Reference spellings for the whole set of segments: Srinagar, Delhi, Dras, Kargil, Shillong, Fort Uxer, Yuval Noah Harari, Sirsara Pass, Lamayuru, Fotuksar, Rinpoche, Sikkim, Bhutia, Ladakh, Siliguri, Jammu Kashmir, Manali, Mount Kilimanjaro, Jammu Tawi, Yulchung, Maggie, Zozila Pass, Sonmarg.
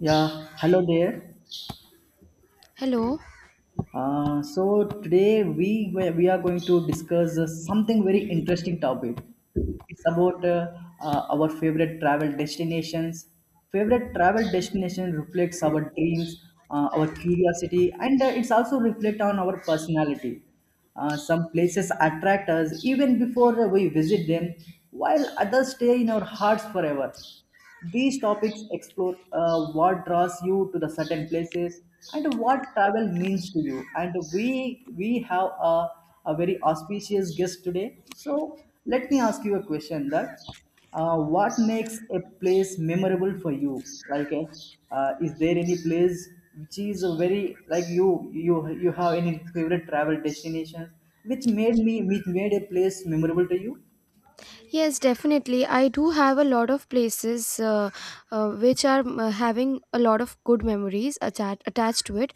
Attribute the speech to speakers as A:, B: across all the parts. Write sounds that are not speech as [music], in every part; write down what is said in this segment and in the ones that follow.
A: Yeah, hello there.
B: Hello.
A: So today we are going to discuss something very interesting topic. It's about our favorite travel destinations. Favorite travel destination reflects our dreams, our curiosity, and it's also reflect on our personality. Some places attract us even before we visit them, while others stay in our hearts forever. These topics explore what draws you to the certain places and what travel means to you. And we have a very auspicious guest today. So let me ask you a question that what makes a place memorable for you? Is there any place which is a very like you have any favorite travel destinations which made me which made a place memorable to you?
B: Yes, definitely. I do have a lot of places which are having a lot of good memories attached to it.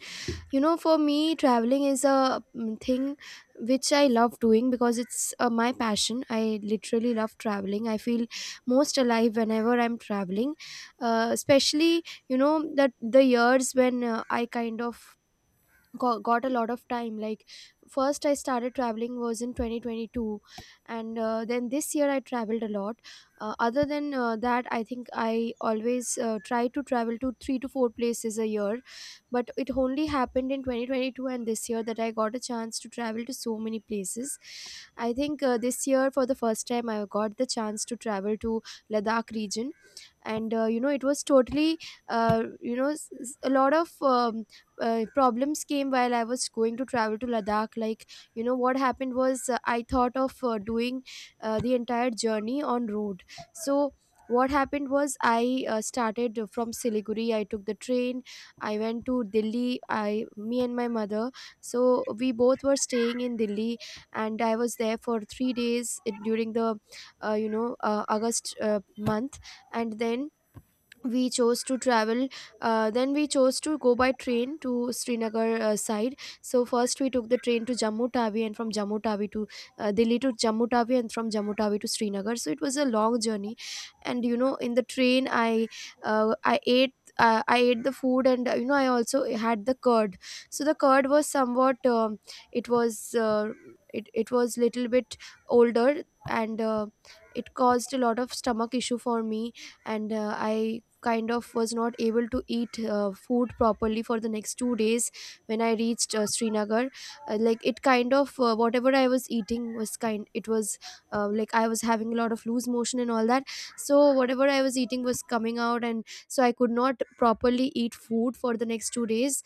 B: You know, for me, traveling is a thing which I love doing because it's my passion. I literally love traveling. I feel most alive whenever I'm traveling, especially you know that the years when I kind of got a lot of time. Like, first I started traveling was in 2022, and then this year I traveled a lot. Other than that, I think I always try to travel to 3 to 4 places a year, but it only happened in 2022 and this year that I got a chance to travel to so many places. I think this year for the first time I got the chance to travel to Ladakh region, and you know it was totally a lot of problems came while I was going to travel to Ladakh. Like, you know, what happened was, I thought of doing the entire journey on road. So, what happened was, I started from Siliguri. I took the train. I went to Delhi. I, me and my mother. So we both were staying in Delhi, and I was there for three days during the, August month. And then we chose to travel then we chose to go by train to Srinagar side. So first we took the train to Jammu Tawi, and from Jammu Tawi to— Delhi to Jammu Tawi, and from Jammu Tawi to Srinagar. So it was a long journey. And you know, in the train, I— uh, i ate I ate the food, and you know, I also had the curd. So the curd was somewhat it was uh, it was little bit older, and it caused a lot of stomach issue for me. And I kind of was not able to eat food properly for the next 2 days. When I reached Srinagar, like, it kind of whatever I was eating was kind it was like I was having a lot of loose motion and all that. So whatever I was eating was coming out, and so I could not properly eat food for the next 2 days.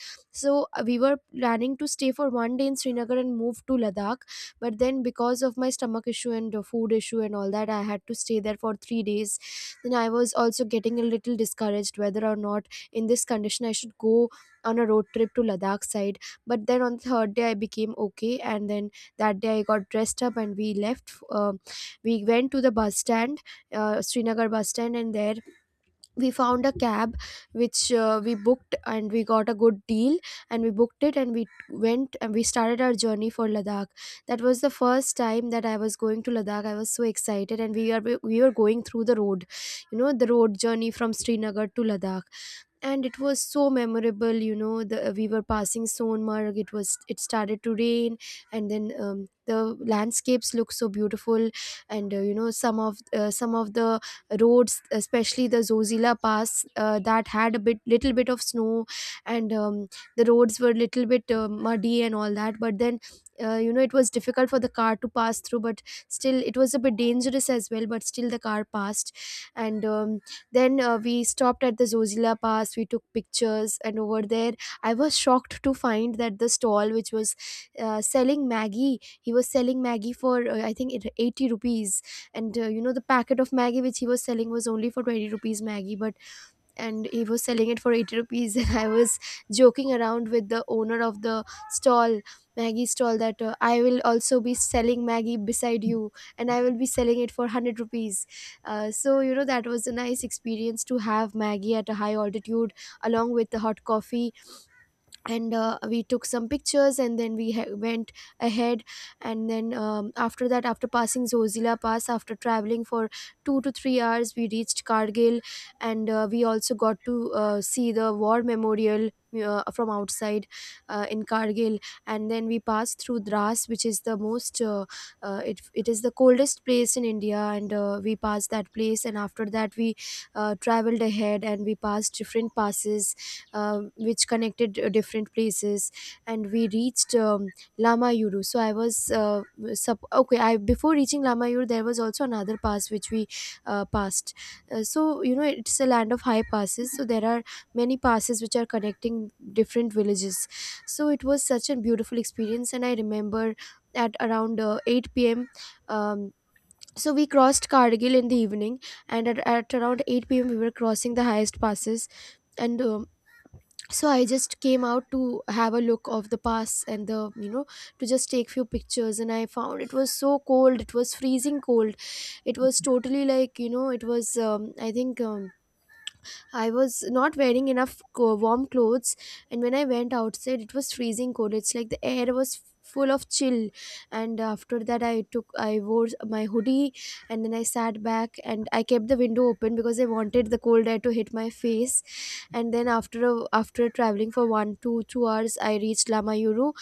B: So we were planning to stay for one day in Srinagar and move to Ladakh, but then because of my stomach issue and food issue and all that, I had to stay there for 3 days. Then I was also getting a little discouraged whether or not in this condition I should go on a road trip to Ladakh side. But then on the third day I became okay, and then that day I got dressed up and we left. We went to the bus stand, Srinagar bus stand, and there we found a cab which we booked, and we got a good deal. And we booked it and we went and we started our journey for Ladakh. That was the first time that I was going to Ladakh. I was so excited, and we were going through the road, you know, the road journey from Srinagar to Ladakh. And it was so memorable. You know, the we were passing Sonmarg, it was— it started to rain, and then the landscapes look so beautiful. And you know, some of the roads, especially the Zozila Pass, that had a bit little bit of snow. And the roads were little bit muddy and all that, but then, you know, it was difficult for the car to pass through, but still it was a bit dangerous as well, but still the car passed. And then we stopped at the Zozila Pass. We took pictures, and over there, I was shocked to find that the stall which was selling Maggie, he was selling Maggie for I think 80 rupees. And you know, the packet of Maggie which he was selling was only for 20 rupees Maggie, but— and he was selling it for 80 rupees [laughs] and I was joking around with the owner of the stall, Maggie stall, that I will also be selling Maggie beside you, and I will be selling it for 100 rupees. So you know, that was a nice experience to have Maggie at a high altitude along with the hot coffee. And we took some pictures, and then we went ahead. And then after that, after passing Zozila Pass, after traveling for 2 to 3 hours, we reached Kargil. And we also got to see the War Memorial from outside, in Kargil. And then we passed through Dras, which is the most— uh, it is the coldest place in India. And we passed that place, and after that we traveled ahead and we passed different passes, which connected different places. And we reached Lamayuru. So I was okay, I— before reaching Lamayuru, there was also another pass which we passed. So you know, it's a land of high passes, so there are many passes which are connecting different villages. So it was such a beautiful experience. And I remember at around 8 p.m, um, so we crossed Kargil in the evening, and at around 8 p.m. we were crossing the highest passes. And so I just came out to have a look of the pass, and the, you know, to just take few pictures, and I found it was so cold. It was freezing cold. It was totally, like, you know, it was I think, I was not wearing enough warm clothes. And when I went outside, it was freezing cold. It's like the air was full of chill. And after that, I wore my hoodie, and then I sat back and I kept the window open because I wanted the cold air to hit my face. And then after traveling for 1 to 2 hours, I reached Lamayuru.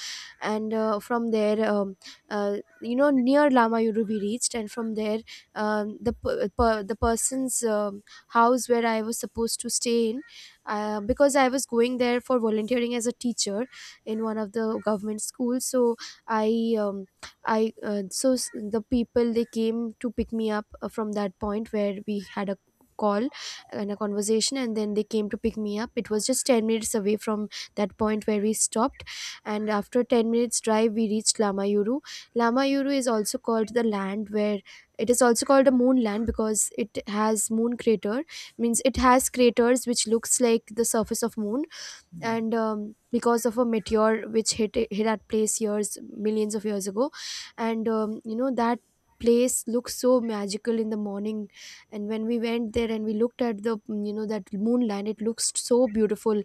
B: And from there you know, near Lamayuru, we reached, and from there, the person's house where I was supposed to stay in, because I was going there for volunteering as a teacher in one of the government schools. So I the people, they came to pick me up from that point where we had a call and a conversation. And then they came to pick me up. It was just 10 minutes away from that point where we stopped. And after 10 minutes drive, we reached Lamayuru. Lamayuru is also called the land where— it is also called a moonland because it has moon crater, means it has craters which looks like the surface of moon. And because of a meteor which hit that place years— millions of years ago. And you know, that place looked so magical in the morning. And when we went there and we looked at the— you know, that moonland, it looks so beautiful.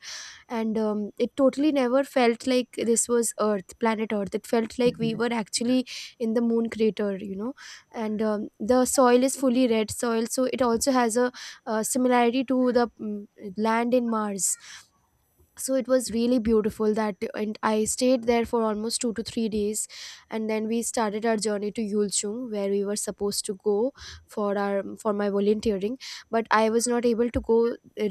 B: And it totally never felt like this was earth, planet earth. It felt like we were actually in the moon crater, you know. And the soil is fully red soil, so it also has a similarity to the land in Mars. So it was really beautiful that, and I stayed there for almost 2 to 3 days. And then we started our journey to Yulchung, where we were supposed to go for our for my volunteering. But I was not able to go—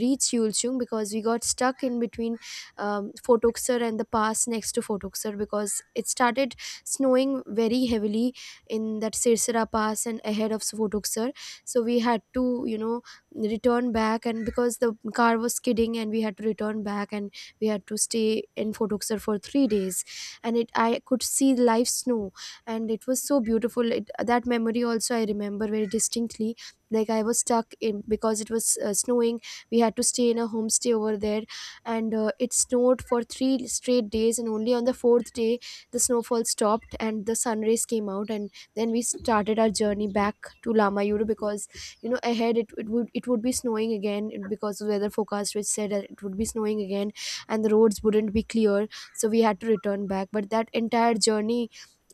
B: reach Yulchung because we got stuck in between Fort Uxer and the pass next to Fort Uxer, because it started snowing very heavily in that Sirsara Pass and ahead of Fort Uxer. So we had to, you know, return back, and because the car was skidding, and we had to return back, and we had to stay in Photokser for 3 days. And it— I could see live snow, and it was so beautiful. It, that memory also I remember very distinctly. Like, I was stuck in because it was snowing. We had to stay in a homestay over there, and it snowed for three straight days. And only on the fourth day, the snowfall stopped and the sun rays came out. And then we started our journey back to Lamayuru because ahead it would be snowing again because of weather forecast which said that it would be snowing again and the roads wouldn't be clear so we had to return back, but that entire journey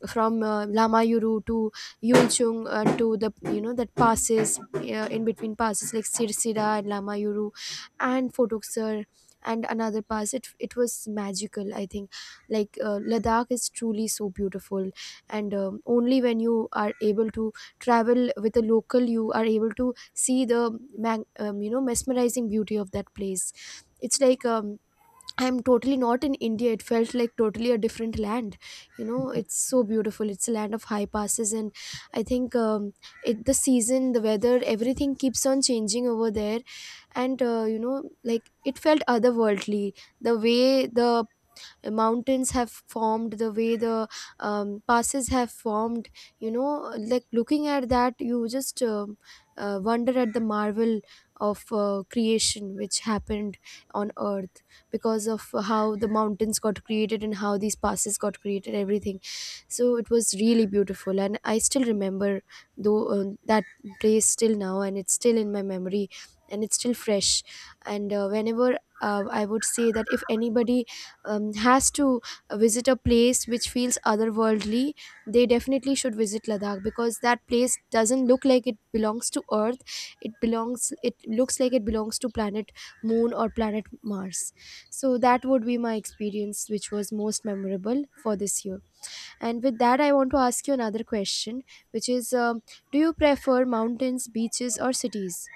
B: from Lamayuru to Yulchung, to the that passes, in between passes like Sirsira and Lamayuru and Fotuksar and another pass, it was magical, I think. Like, Ladakh is truly so beautiful, and only when you are able to travel with a local you are able to see the mesmerizing beauty of that place. It's like, I'm totally not in India. It felt like totally a different land. You know, it's so beautiful. It's a land of high passes, and I think, it the season, the weather, everything keeps on changing over there. And you know, like, it felt otherworldly. The way the mountains have formed, the way the passes have formed, you know, like looking at that you just wonder at the marvel of creation which happened on Earth because of how the mountains got created and how these passes got created, everything. So it was really beautiful, and I still remember though that place till now, and it's still in my memory and it's still fresh. And whenever, I would say that if anybody has to visit a place which feels otherworldly, they definitely should visit Ladakh, because that place doesn't look like it belongs to Earth. It belongs. It looks like it belongs to planet Moon or planet Mars. So that would be my experience, which was most memorable for this year. And with that, I want to ask you another question, which is, do you prefer mountains, beaches, or cities?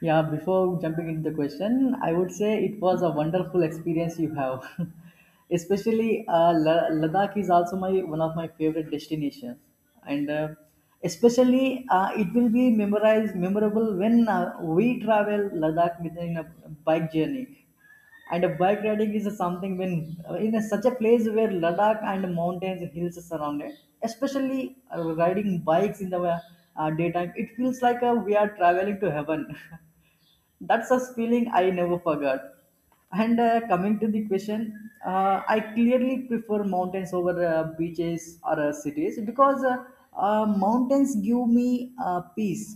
A: Yeah, before jumping into the question, I would say it was a wonderful experience you have. [laughs] Especially Ladakh is also my one of my favorite destinations, and especially it will be memorized memorable when we travel Ladakh within a bike journey. And a bike riding is something when in a, such a place where Ladakh and mountains and hills are surrounded, especially riding bikes in the daytime, it feels like we are traveling to heaven. [laughs] That's a feeling I never forgot. And coming to the question, I clearly prefer mountains over beaches or cities because mountains give me peace,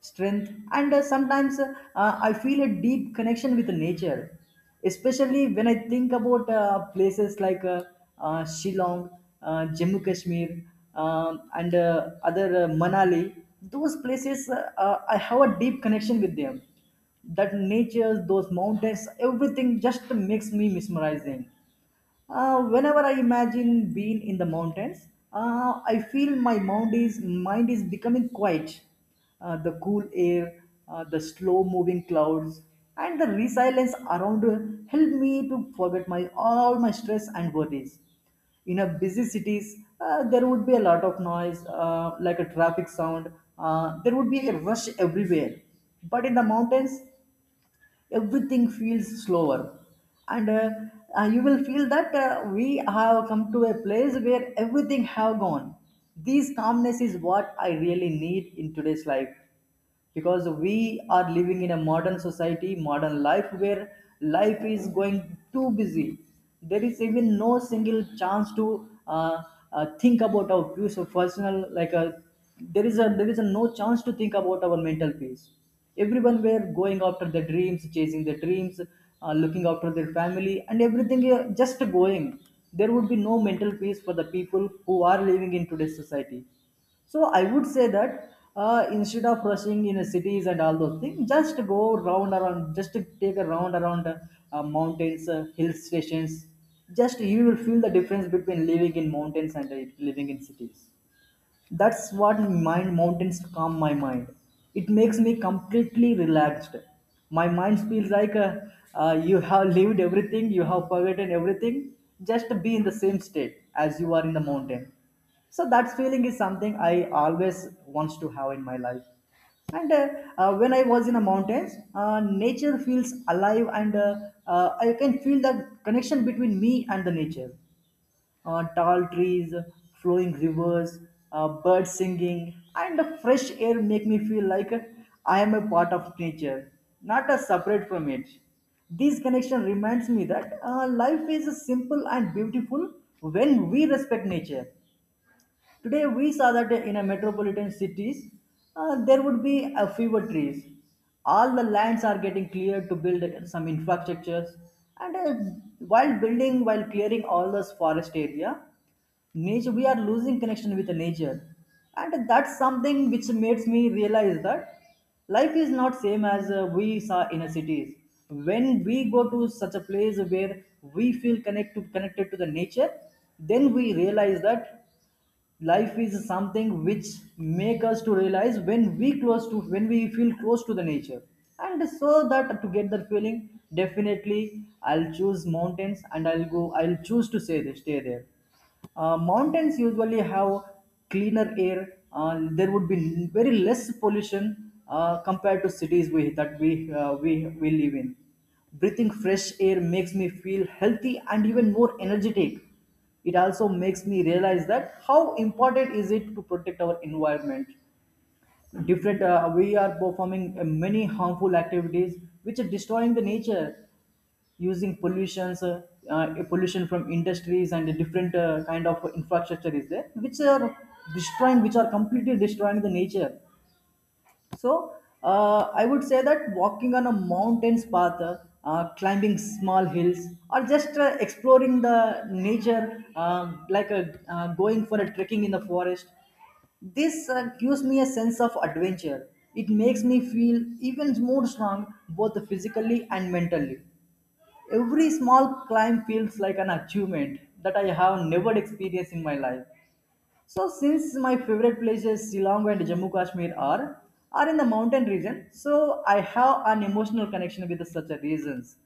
A: strength, and sometimes I feel a deep connection with nature. Especially when I think about places like Shillong, Jammu Kashmir, and other Manali, those places I have a deep connection with them that nature, those mountains, everything just makes me mesmerizing. Whenever I imagine being in the mountains, I feel my mind is becoming quiet. The cool air, the slow moving clouds, and the resilience around help me to forget my all my stress and worries. In a busy cities, there would be a lot of noise, like a traffic sound. There would be a rush everywhere. But in the mountains, everything feels slower and you will feel that we have come to a place where everything have gone. This calmness is what I really need in today's life because we are living in a modern society modern life where life is going too busy. There is even no single chance to uh, think about our peace of personal like there is a no chance to think about our mental peace. Everyone were going after their dreams chasing their dreams looking after their family and everything just going. There would be no mental peace for the people who are living in today's society. So I would say that instead of rushing in cities and all those things, just go round around, just take a round around mountains, hill stations. Just you will feel the difference between living in mountains and living in cities. That's what mind mountains calm my mind. It makes me completely relaxed. My mind feels like you have lived everything, you have forgotten everything. Just be in the same state as you are in the mountain. So that feeling is something I always wants to have in my life. And when I was in the mountains, nature feels alive, and I can feel that connection between me and the nature tall trees, flowing rivers, birds singing, and the fresh air make me feel like I am a part of nature, not a separate from it. This connection reminds me that life is simple and beautiful when we respect nature. Today we saw that in a metropolitan cities, there would be a fewer trees. All the lands are getting cleared to build some infrastructures, and while building, while clearing all this forest area, nature we are losing connection with the nature, and that's something which makes me realize that life is not same as we saw in a cities. When we go to such a place where we feel connected to the nature, then we realize that life is something which make us to realize when we close to when we feel close to the nature. And so that to get that feeling definitely I'll choose mountains and I'll go I'll choose to stay there. Uh, mountains usually have cleaner air. Uh, there would be very less pollution compared to cities we, that we live in. Breathing fresh air makes me feel healthy and even more energetic. It also makes me realize that how important is it to protect our environment. Different we are performing many harmful activities which are destroying the nature using pollutions pollution from industries and the different kind of infrastructure is there which are destroying which are completely destroying the nature. So I would say that walking on a mountain's path, climbing small hills, or just exploring the nature, going for a trekking in the forest, this gives me a sense of adventure. It makes me feel even more strong, both physically and mentally. Every small climb feels like an achievement that I have never experienced in my life. So since my favorite places Shillong and Jammu Kashmir are in the mountain region, so I have an emotional connection with such a reasons.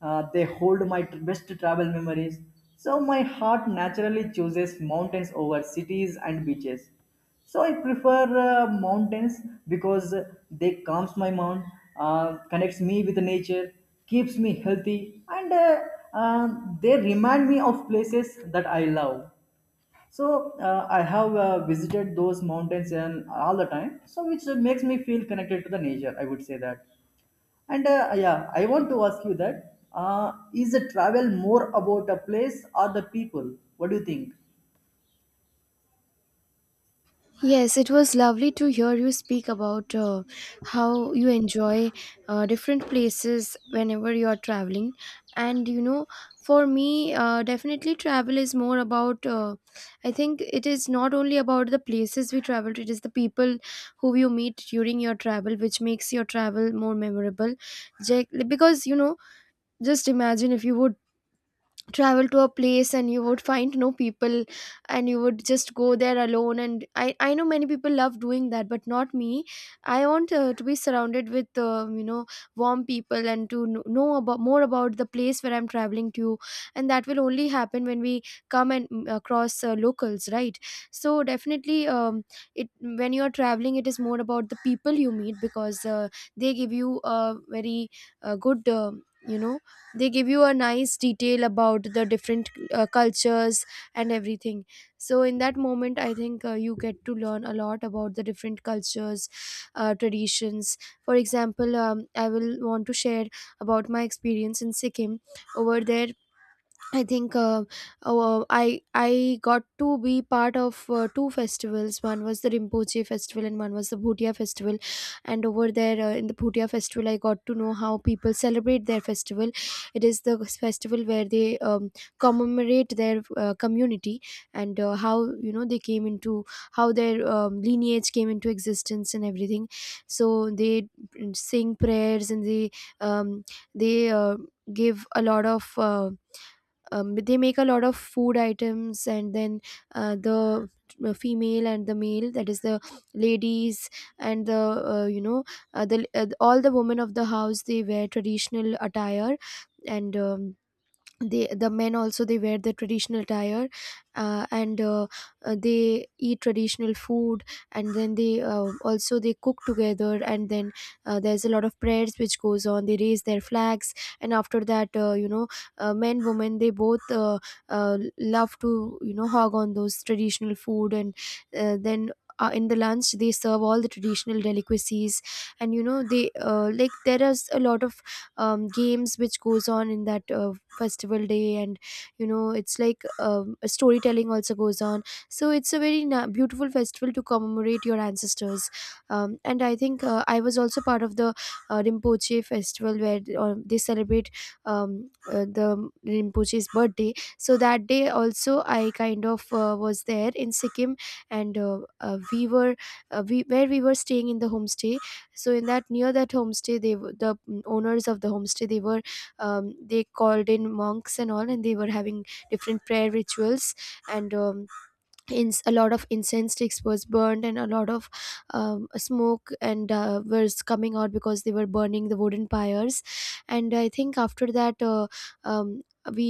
A: They hold my best travel memories. So my heart naturally chooses mountains over cities and beaches. So I prefer mountains because they calms my mind, connects me with nature, keeps me healthy, and they remind me of places that I love. So I have visited those mountains and all the time, so which makes me feel connected to the nature. I would say that, and yeah, I want to ask you that: is the travel more about a place or the people? What do you think?
B: Yes, it was lovely to hear you speak about how you enjoy different places whenever you are traveling. And you know, for me, definitely travel is more about, I think it is not only about the places we travel to, it is the people who you meet during your travel, which makes your travel more memorable. Because you know, just imagine if you would travel to a place and you would find no people and you would just go there alone. And I know many people love doing that, but not me. I want, to be surrounded with, you know, warm people, and to know about more about the place where I'm traveling to. And that will only happen when we come across locals, right? So definitely, it when you are traveling it is more about the people you meet, because they give you a very good, you know they give you a nice detail about the different cultures and everything. So in that moment I think, you get to learn a lot about the different cultures, traditions. For example, I will want to share about my experience in Sikkim. Over there I think, I got to be part of two festivals. One was the Rinpoche festival and one was the Bhutia festival. And over there, in the Bhutia festival, I got to know how people celebrate their festival. It is the festival where they commemorate their community and how, you know, they came into, how their lineage came into existence and everything. So they sing prayers and they um, they uh, give a lot of. They make a lot of food items, and then the female and the male, that is the ladies and the uh, you know all the women of the house, they wear traditional attire. And they, the men also, they wear the traditional attire and they eat traditional food. And then they also they cook together, and then there's a lot of prayers which goes on, they raise their flags. And after that, you know, men, women, they both love to, you know, hog on those traditional food. And then in the lunch they serve all the traditional delicacies. And you know, they like, there is a lot of games which goes on in that festival day. And you know, it's like, a storytelling also goes on. So it's a very beautiful festival to commemorate your ancestors. And I think, I was also part of the Rinpoche festival, where they celebrate the Rinpoche's birthday. So that day also I kind of, was there in Sikkim. And we, where we were staying in the homestay. So in that, near that homestay, they the owners of the homestay, they were they called in monks and all, and they were having different prayer rituals. And a lot of incense sticks was burned, and a lot of smoke and was coming out because they were burning the wooden pyres. And I think after that, um, we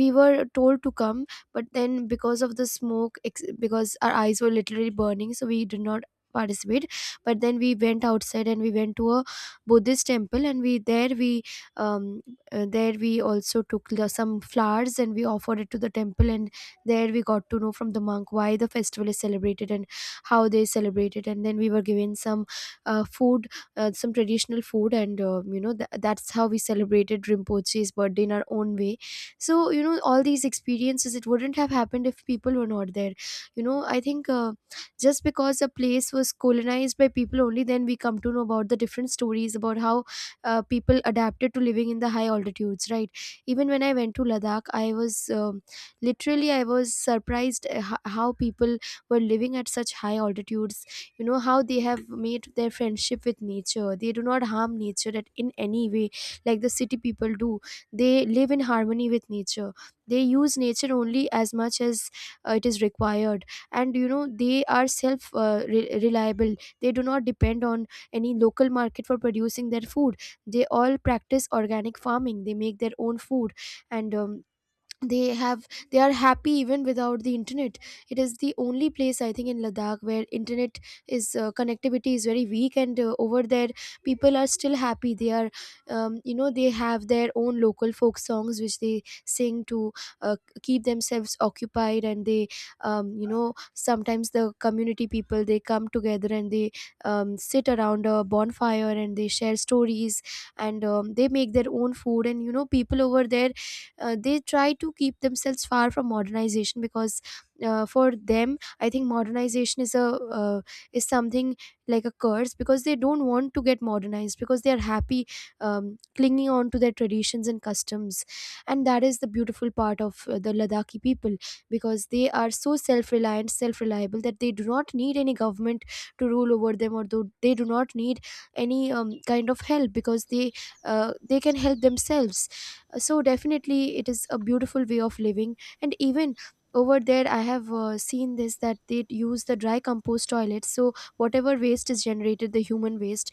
B: we were told to come, but then because of the smoke, because our eyes were literally burning, so we did not participate. But then we went outside and we went to a Buddhist temple, and we, there we um, there we also took some flowers and we offered it to the temple. And there we got to know from the monk why the festival is celebrated and how they celebrate it. And then we were given some food, some traditional food, and you know, that's how we celebrated Rinpoche's birthday in our own way. So you know, all these experiences, it wouldn't have happened if people were not there. You know, I think. Just because a place was colonized by people, only then we come to know about the different stories about how people adapted to living in the high altitudes, right? Even when I went to Ladakh, I was, literally I was surprised, how people were living at such high altitudes. You know, how they have made their friendship with nature, they do not harm nature at, in any way, like the city people do. They live in harmony with nature, they use nature only as much as it is required. And you know, they are self, reliable. They do not depend on any local market for producing their food. They all practice organic farming, they make their own food. And they have, they are happy even without the internet. It is the only place, I think, in Ladakh where internet is connectivity is very weak. And over there people are still happy. They are you know, they have their own local folk songs which they sing to uh, keep themselves occupied. And they you know, sometimes the community people they come together, and they sit around a bonfire and they share stories. And they make their own food. And you know, people over there they try to keep themselves far from modernization, because for them, I think, modernization is a uh, is something like a curse, because they don't want to get modernized, because they are happy clinging on to their traditions and customs. And that is the beautiful part of the Ladakhi people, because they are so self-reliant, self-reliable, that they do not need any government to rule over them, or do, they do not need any kind of help, because they can help themselves. So definitely it is a beautiful way of living. And even over there I have, seen this, that they use the dry compost toilets. So whatever waste is generated, the human waste,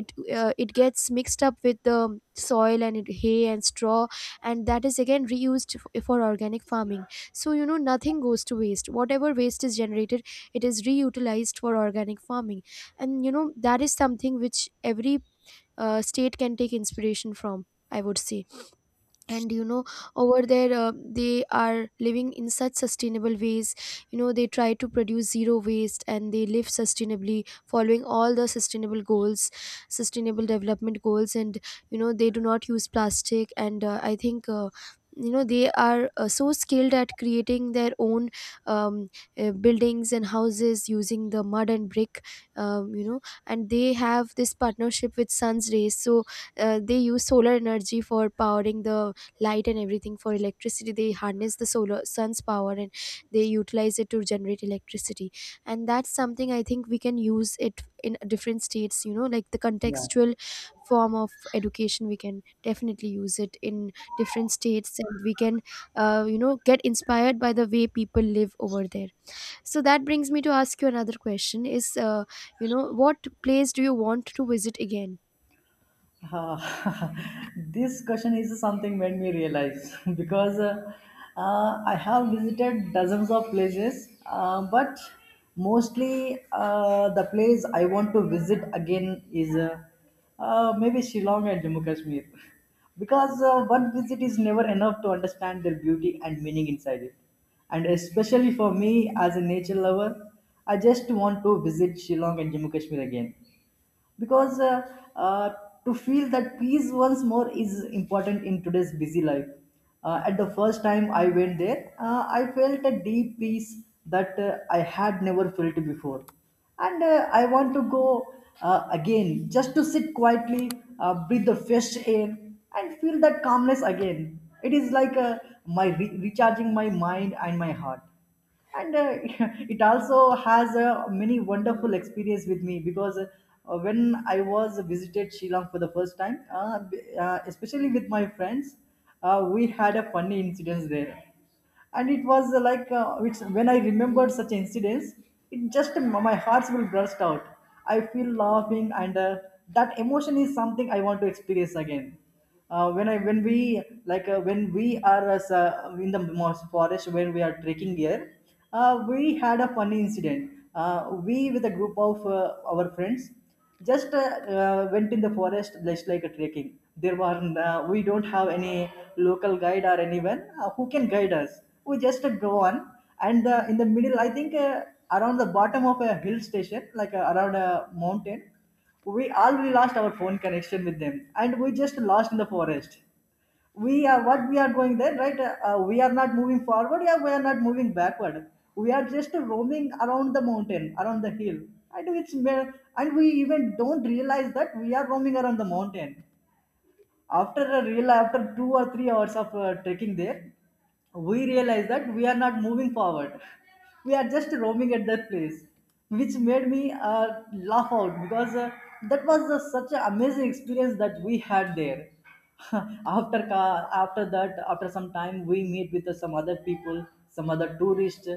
B: it it gets mixed up with the soil and it, hay and straw, and that is again reused for organic farming. So you know, nothing goes to waste. Whatever waste is generated, it is reutilized for organic farming. And you know, that is something which every state can take inspiration from, I would say. And you know, over there they are living in such sustainable ways. You know, they try to produce zero waste, and they live sustainably, following all the sustainable goals, sustainable development goals. And you know, they do not use plastic. And I think, you know, they are so skilled at creating their own um, buildings and houses using the mud and brick. You know, and they have this partnership with sun's rays. So they use solar energy for powering the light and everything, for electricity. They harness the solar, sun's power, and they utilize it to generate electricity. And that's something, I think, we can use it in different states. You know, like the
A: Yeah.
B: contextual form of education, we can definitely use it in different states. And we can, you know, get inspired by the way people live over there. So that brings me to ask you another question, is, you know, what place do you want to visit again?
A: Uh, [laughs] this question is something made me realize [laughs] because I have visited dozens of places, but mostly the place I want to visit again is maybe Shillong and Jammu Kashmir [laughs] because one visit is never enough to understand their beauty and meaning inside it. And especially for me as a nature lover, I just want to visit Shillong and Jammu Kashmir again because uh, to feel that peace once more is important in today's busy life. At the first time I went there, I felt a deep peace that I had never felt before. And I want to go again just to sit quietly, breathe the fresh air, and feel that calmness again. It is like recharging my mind and my heart, and [laughs] it also has a many wonderful experience with me because when I was visited Sri Lanka for the first time especially with my friends, we had a funny incidents there. And it was when I remembered such incidents, it just my hearts will burst out. I feel laughing, and that emotion is something I want to experience again. Uh, when I when we like when we are in the most forest when we are trekking here, we had a funny incident. We with a group of our friends just went in the forest just like a trekking. There were We don't have any local guide or anyone who can guide us. We just go on. And in the middle I think around the bottom of a hill station like around a mountain, we lost our phone connection with them and we just lost in the forest. We are what we are going there right? We are not moving forward, yeah, we are not moving backward. We are just roaming around the mountain, around the hill, and and we even don't realize that we are roaming around the mountain. After a real after 2 or 3 hours of trekking there, we realize that we are not moving forward. We are just roaming at that place, which made me laugh out because that was such an amazing experience that we had there. [laughs] After after that, after some time, we meet with some other people, some other tourists,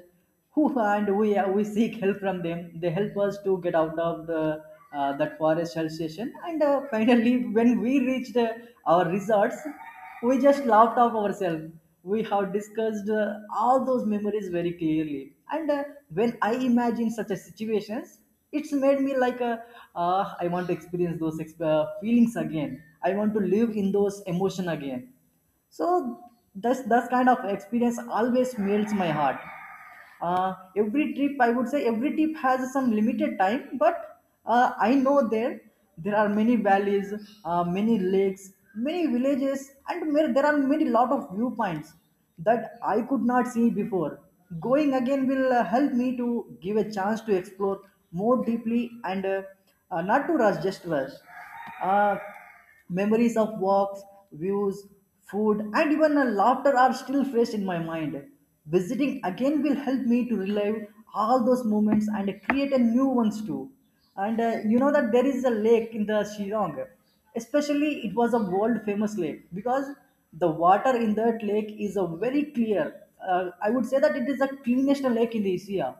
A: who and we seek help from them. They help us to get out of the that forest hell station. And Finally, when we reached our resorts, we just laughed off ourselves. We have discussed all those memories very clearly. And When I imagine such a situations, it's made me like a, I want to experience feelings again. I want to live in those emotion again. So this kind of experience always melts my heart. Every trip, I would say, every trip has some limited time, but I know there are many valleys, many lakes, many villages, and there are many lot of viewpoints that I could not see before. Going again will help me to give a chance to explore more deeply and not to rush, just rush. Uh, Memories of walks, views, food, and even a laughter are still fresh in my mind. Visiting again will help me to relive all those moments and create a new ones too. And You know that there is a lake in the Shillong. Especially, it was a world famous lake because the water in that lake is a very clear. I would say that it is the cleanest lake in the Asia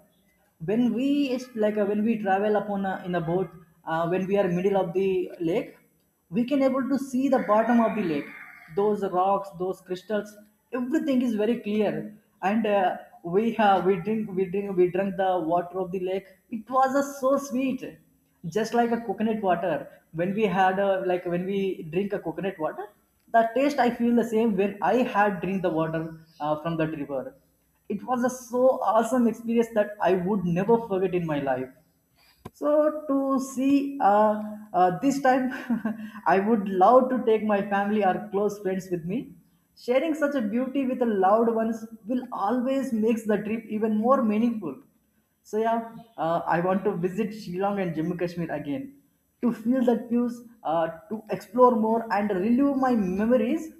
A: when we is like when we travel upon a, in a boat when we are middle of the lake we can able to see the bottom of the lake, those rocks, those crystals, everything is very clear and we have we drink we drink we drank the water of the lake. It was so sweet, just like a coconut water. When we had a like when we drink a coconut water, the taste I feel the same when I had drink the water from that river. It was a so awesome experience that I would never forget in my life. So to see this time, [laughs] I would love to take my family or close friends with me. Sharing such a beauty with the loved ones will always makes the trip even more meaningful. So yeah, I want to visit Shillong and Jammu Kashmir again to feel that views, to explore more and relive my memories.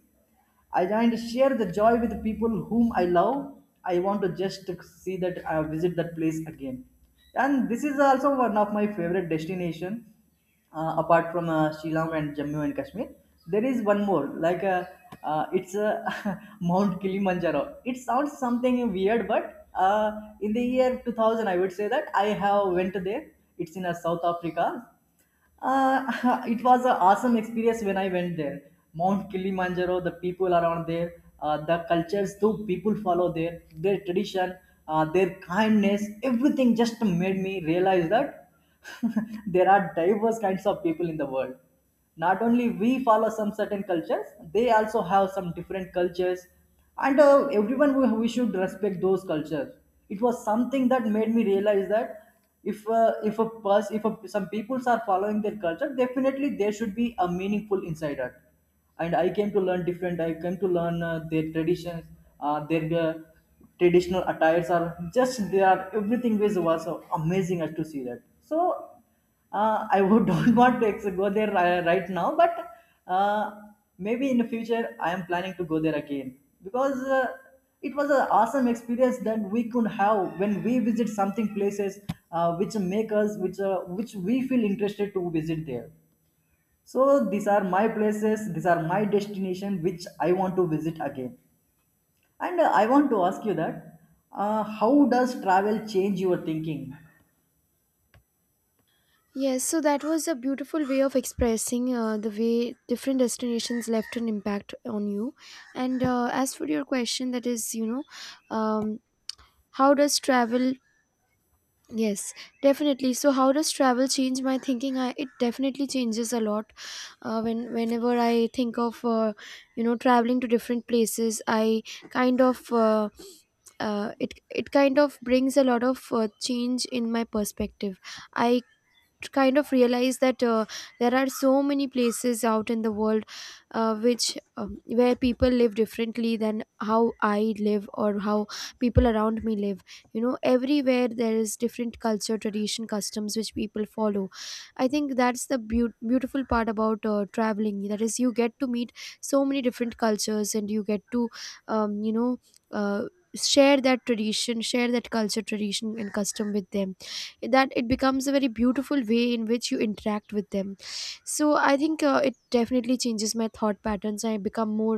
A: I joined to share the joy with people whom I love. I want to just see that I visit that place again. And this is also one of my favorite destination. Apart from Shillong and Jammu and Kashmir, there is one more. Like it's [laughs] Mount Kilimanjaro. It sounds something weird, but in the year 2000, I would say that I have went there. It's in South Africa. [laughs] It was an awesome experience when I went there. Mount Kilimanjaro, the people around there, the cultures, the people follow there, their tradition, their kindness, everything just made me realize that [laughs] there are diverse kinds of people in the world. Not only we follow some certain cultures, they also have some different cultures and everyone we should respect those cultures. It was something that made me realize that if a person if a, some peoples are following their culture, definitely there should be a meaningful inside it. And I came to learn their traditions, their traditional attires are just they are everything was amazing as to see that. So I would [laughs] don't want to go there right now, but uh, maybe in the future I am planning to go there again because it was an awesome experience that we could have when we visit something places which make us which we feel interested to visit there. So these are my places, these are my destination which I want to visit again. And I want to ask you that how does travel change your thinking?
B: Yes, so that was a beautiful way of expressing the way different destinations left an impact on you. And as for your question, that is, you know, um, how does travel? Yes, definitely. So, how does travel change my thinking? It definitely changes a lot. Whenever I think of, you know, traveling to different places, I kind of, it kind of brings a lot of change in my perspective. I kind of realize that there are so many places out in the world which where people live differently than how I live, or how people around me live. You know, everywhere there is different culture, tradition, customs which people follow. I think that's the beautiful part about traveling, that is you get to meet so many different cultures, and you get to you know, uh, share that tradition, share that culture, tradition and custom with them. That it becomes a very beautiful way in which you interact with them. So I think, it definitely changes my thought patterns. I become more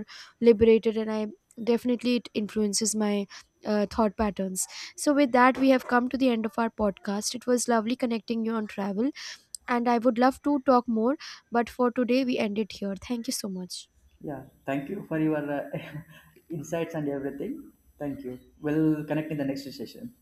B: liberated, and I definitely, it influences my thought patterns. So with that, we have come to the end of our podcast. It was lovely connecting you on travel, and I would love to talk more, but for today we end it here. Thank you so much.
A: Yeah, thank you for your [laughs] insights and everything. Thank you. We'll connect in the next session.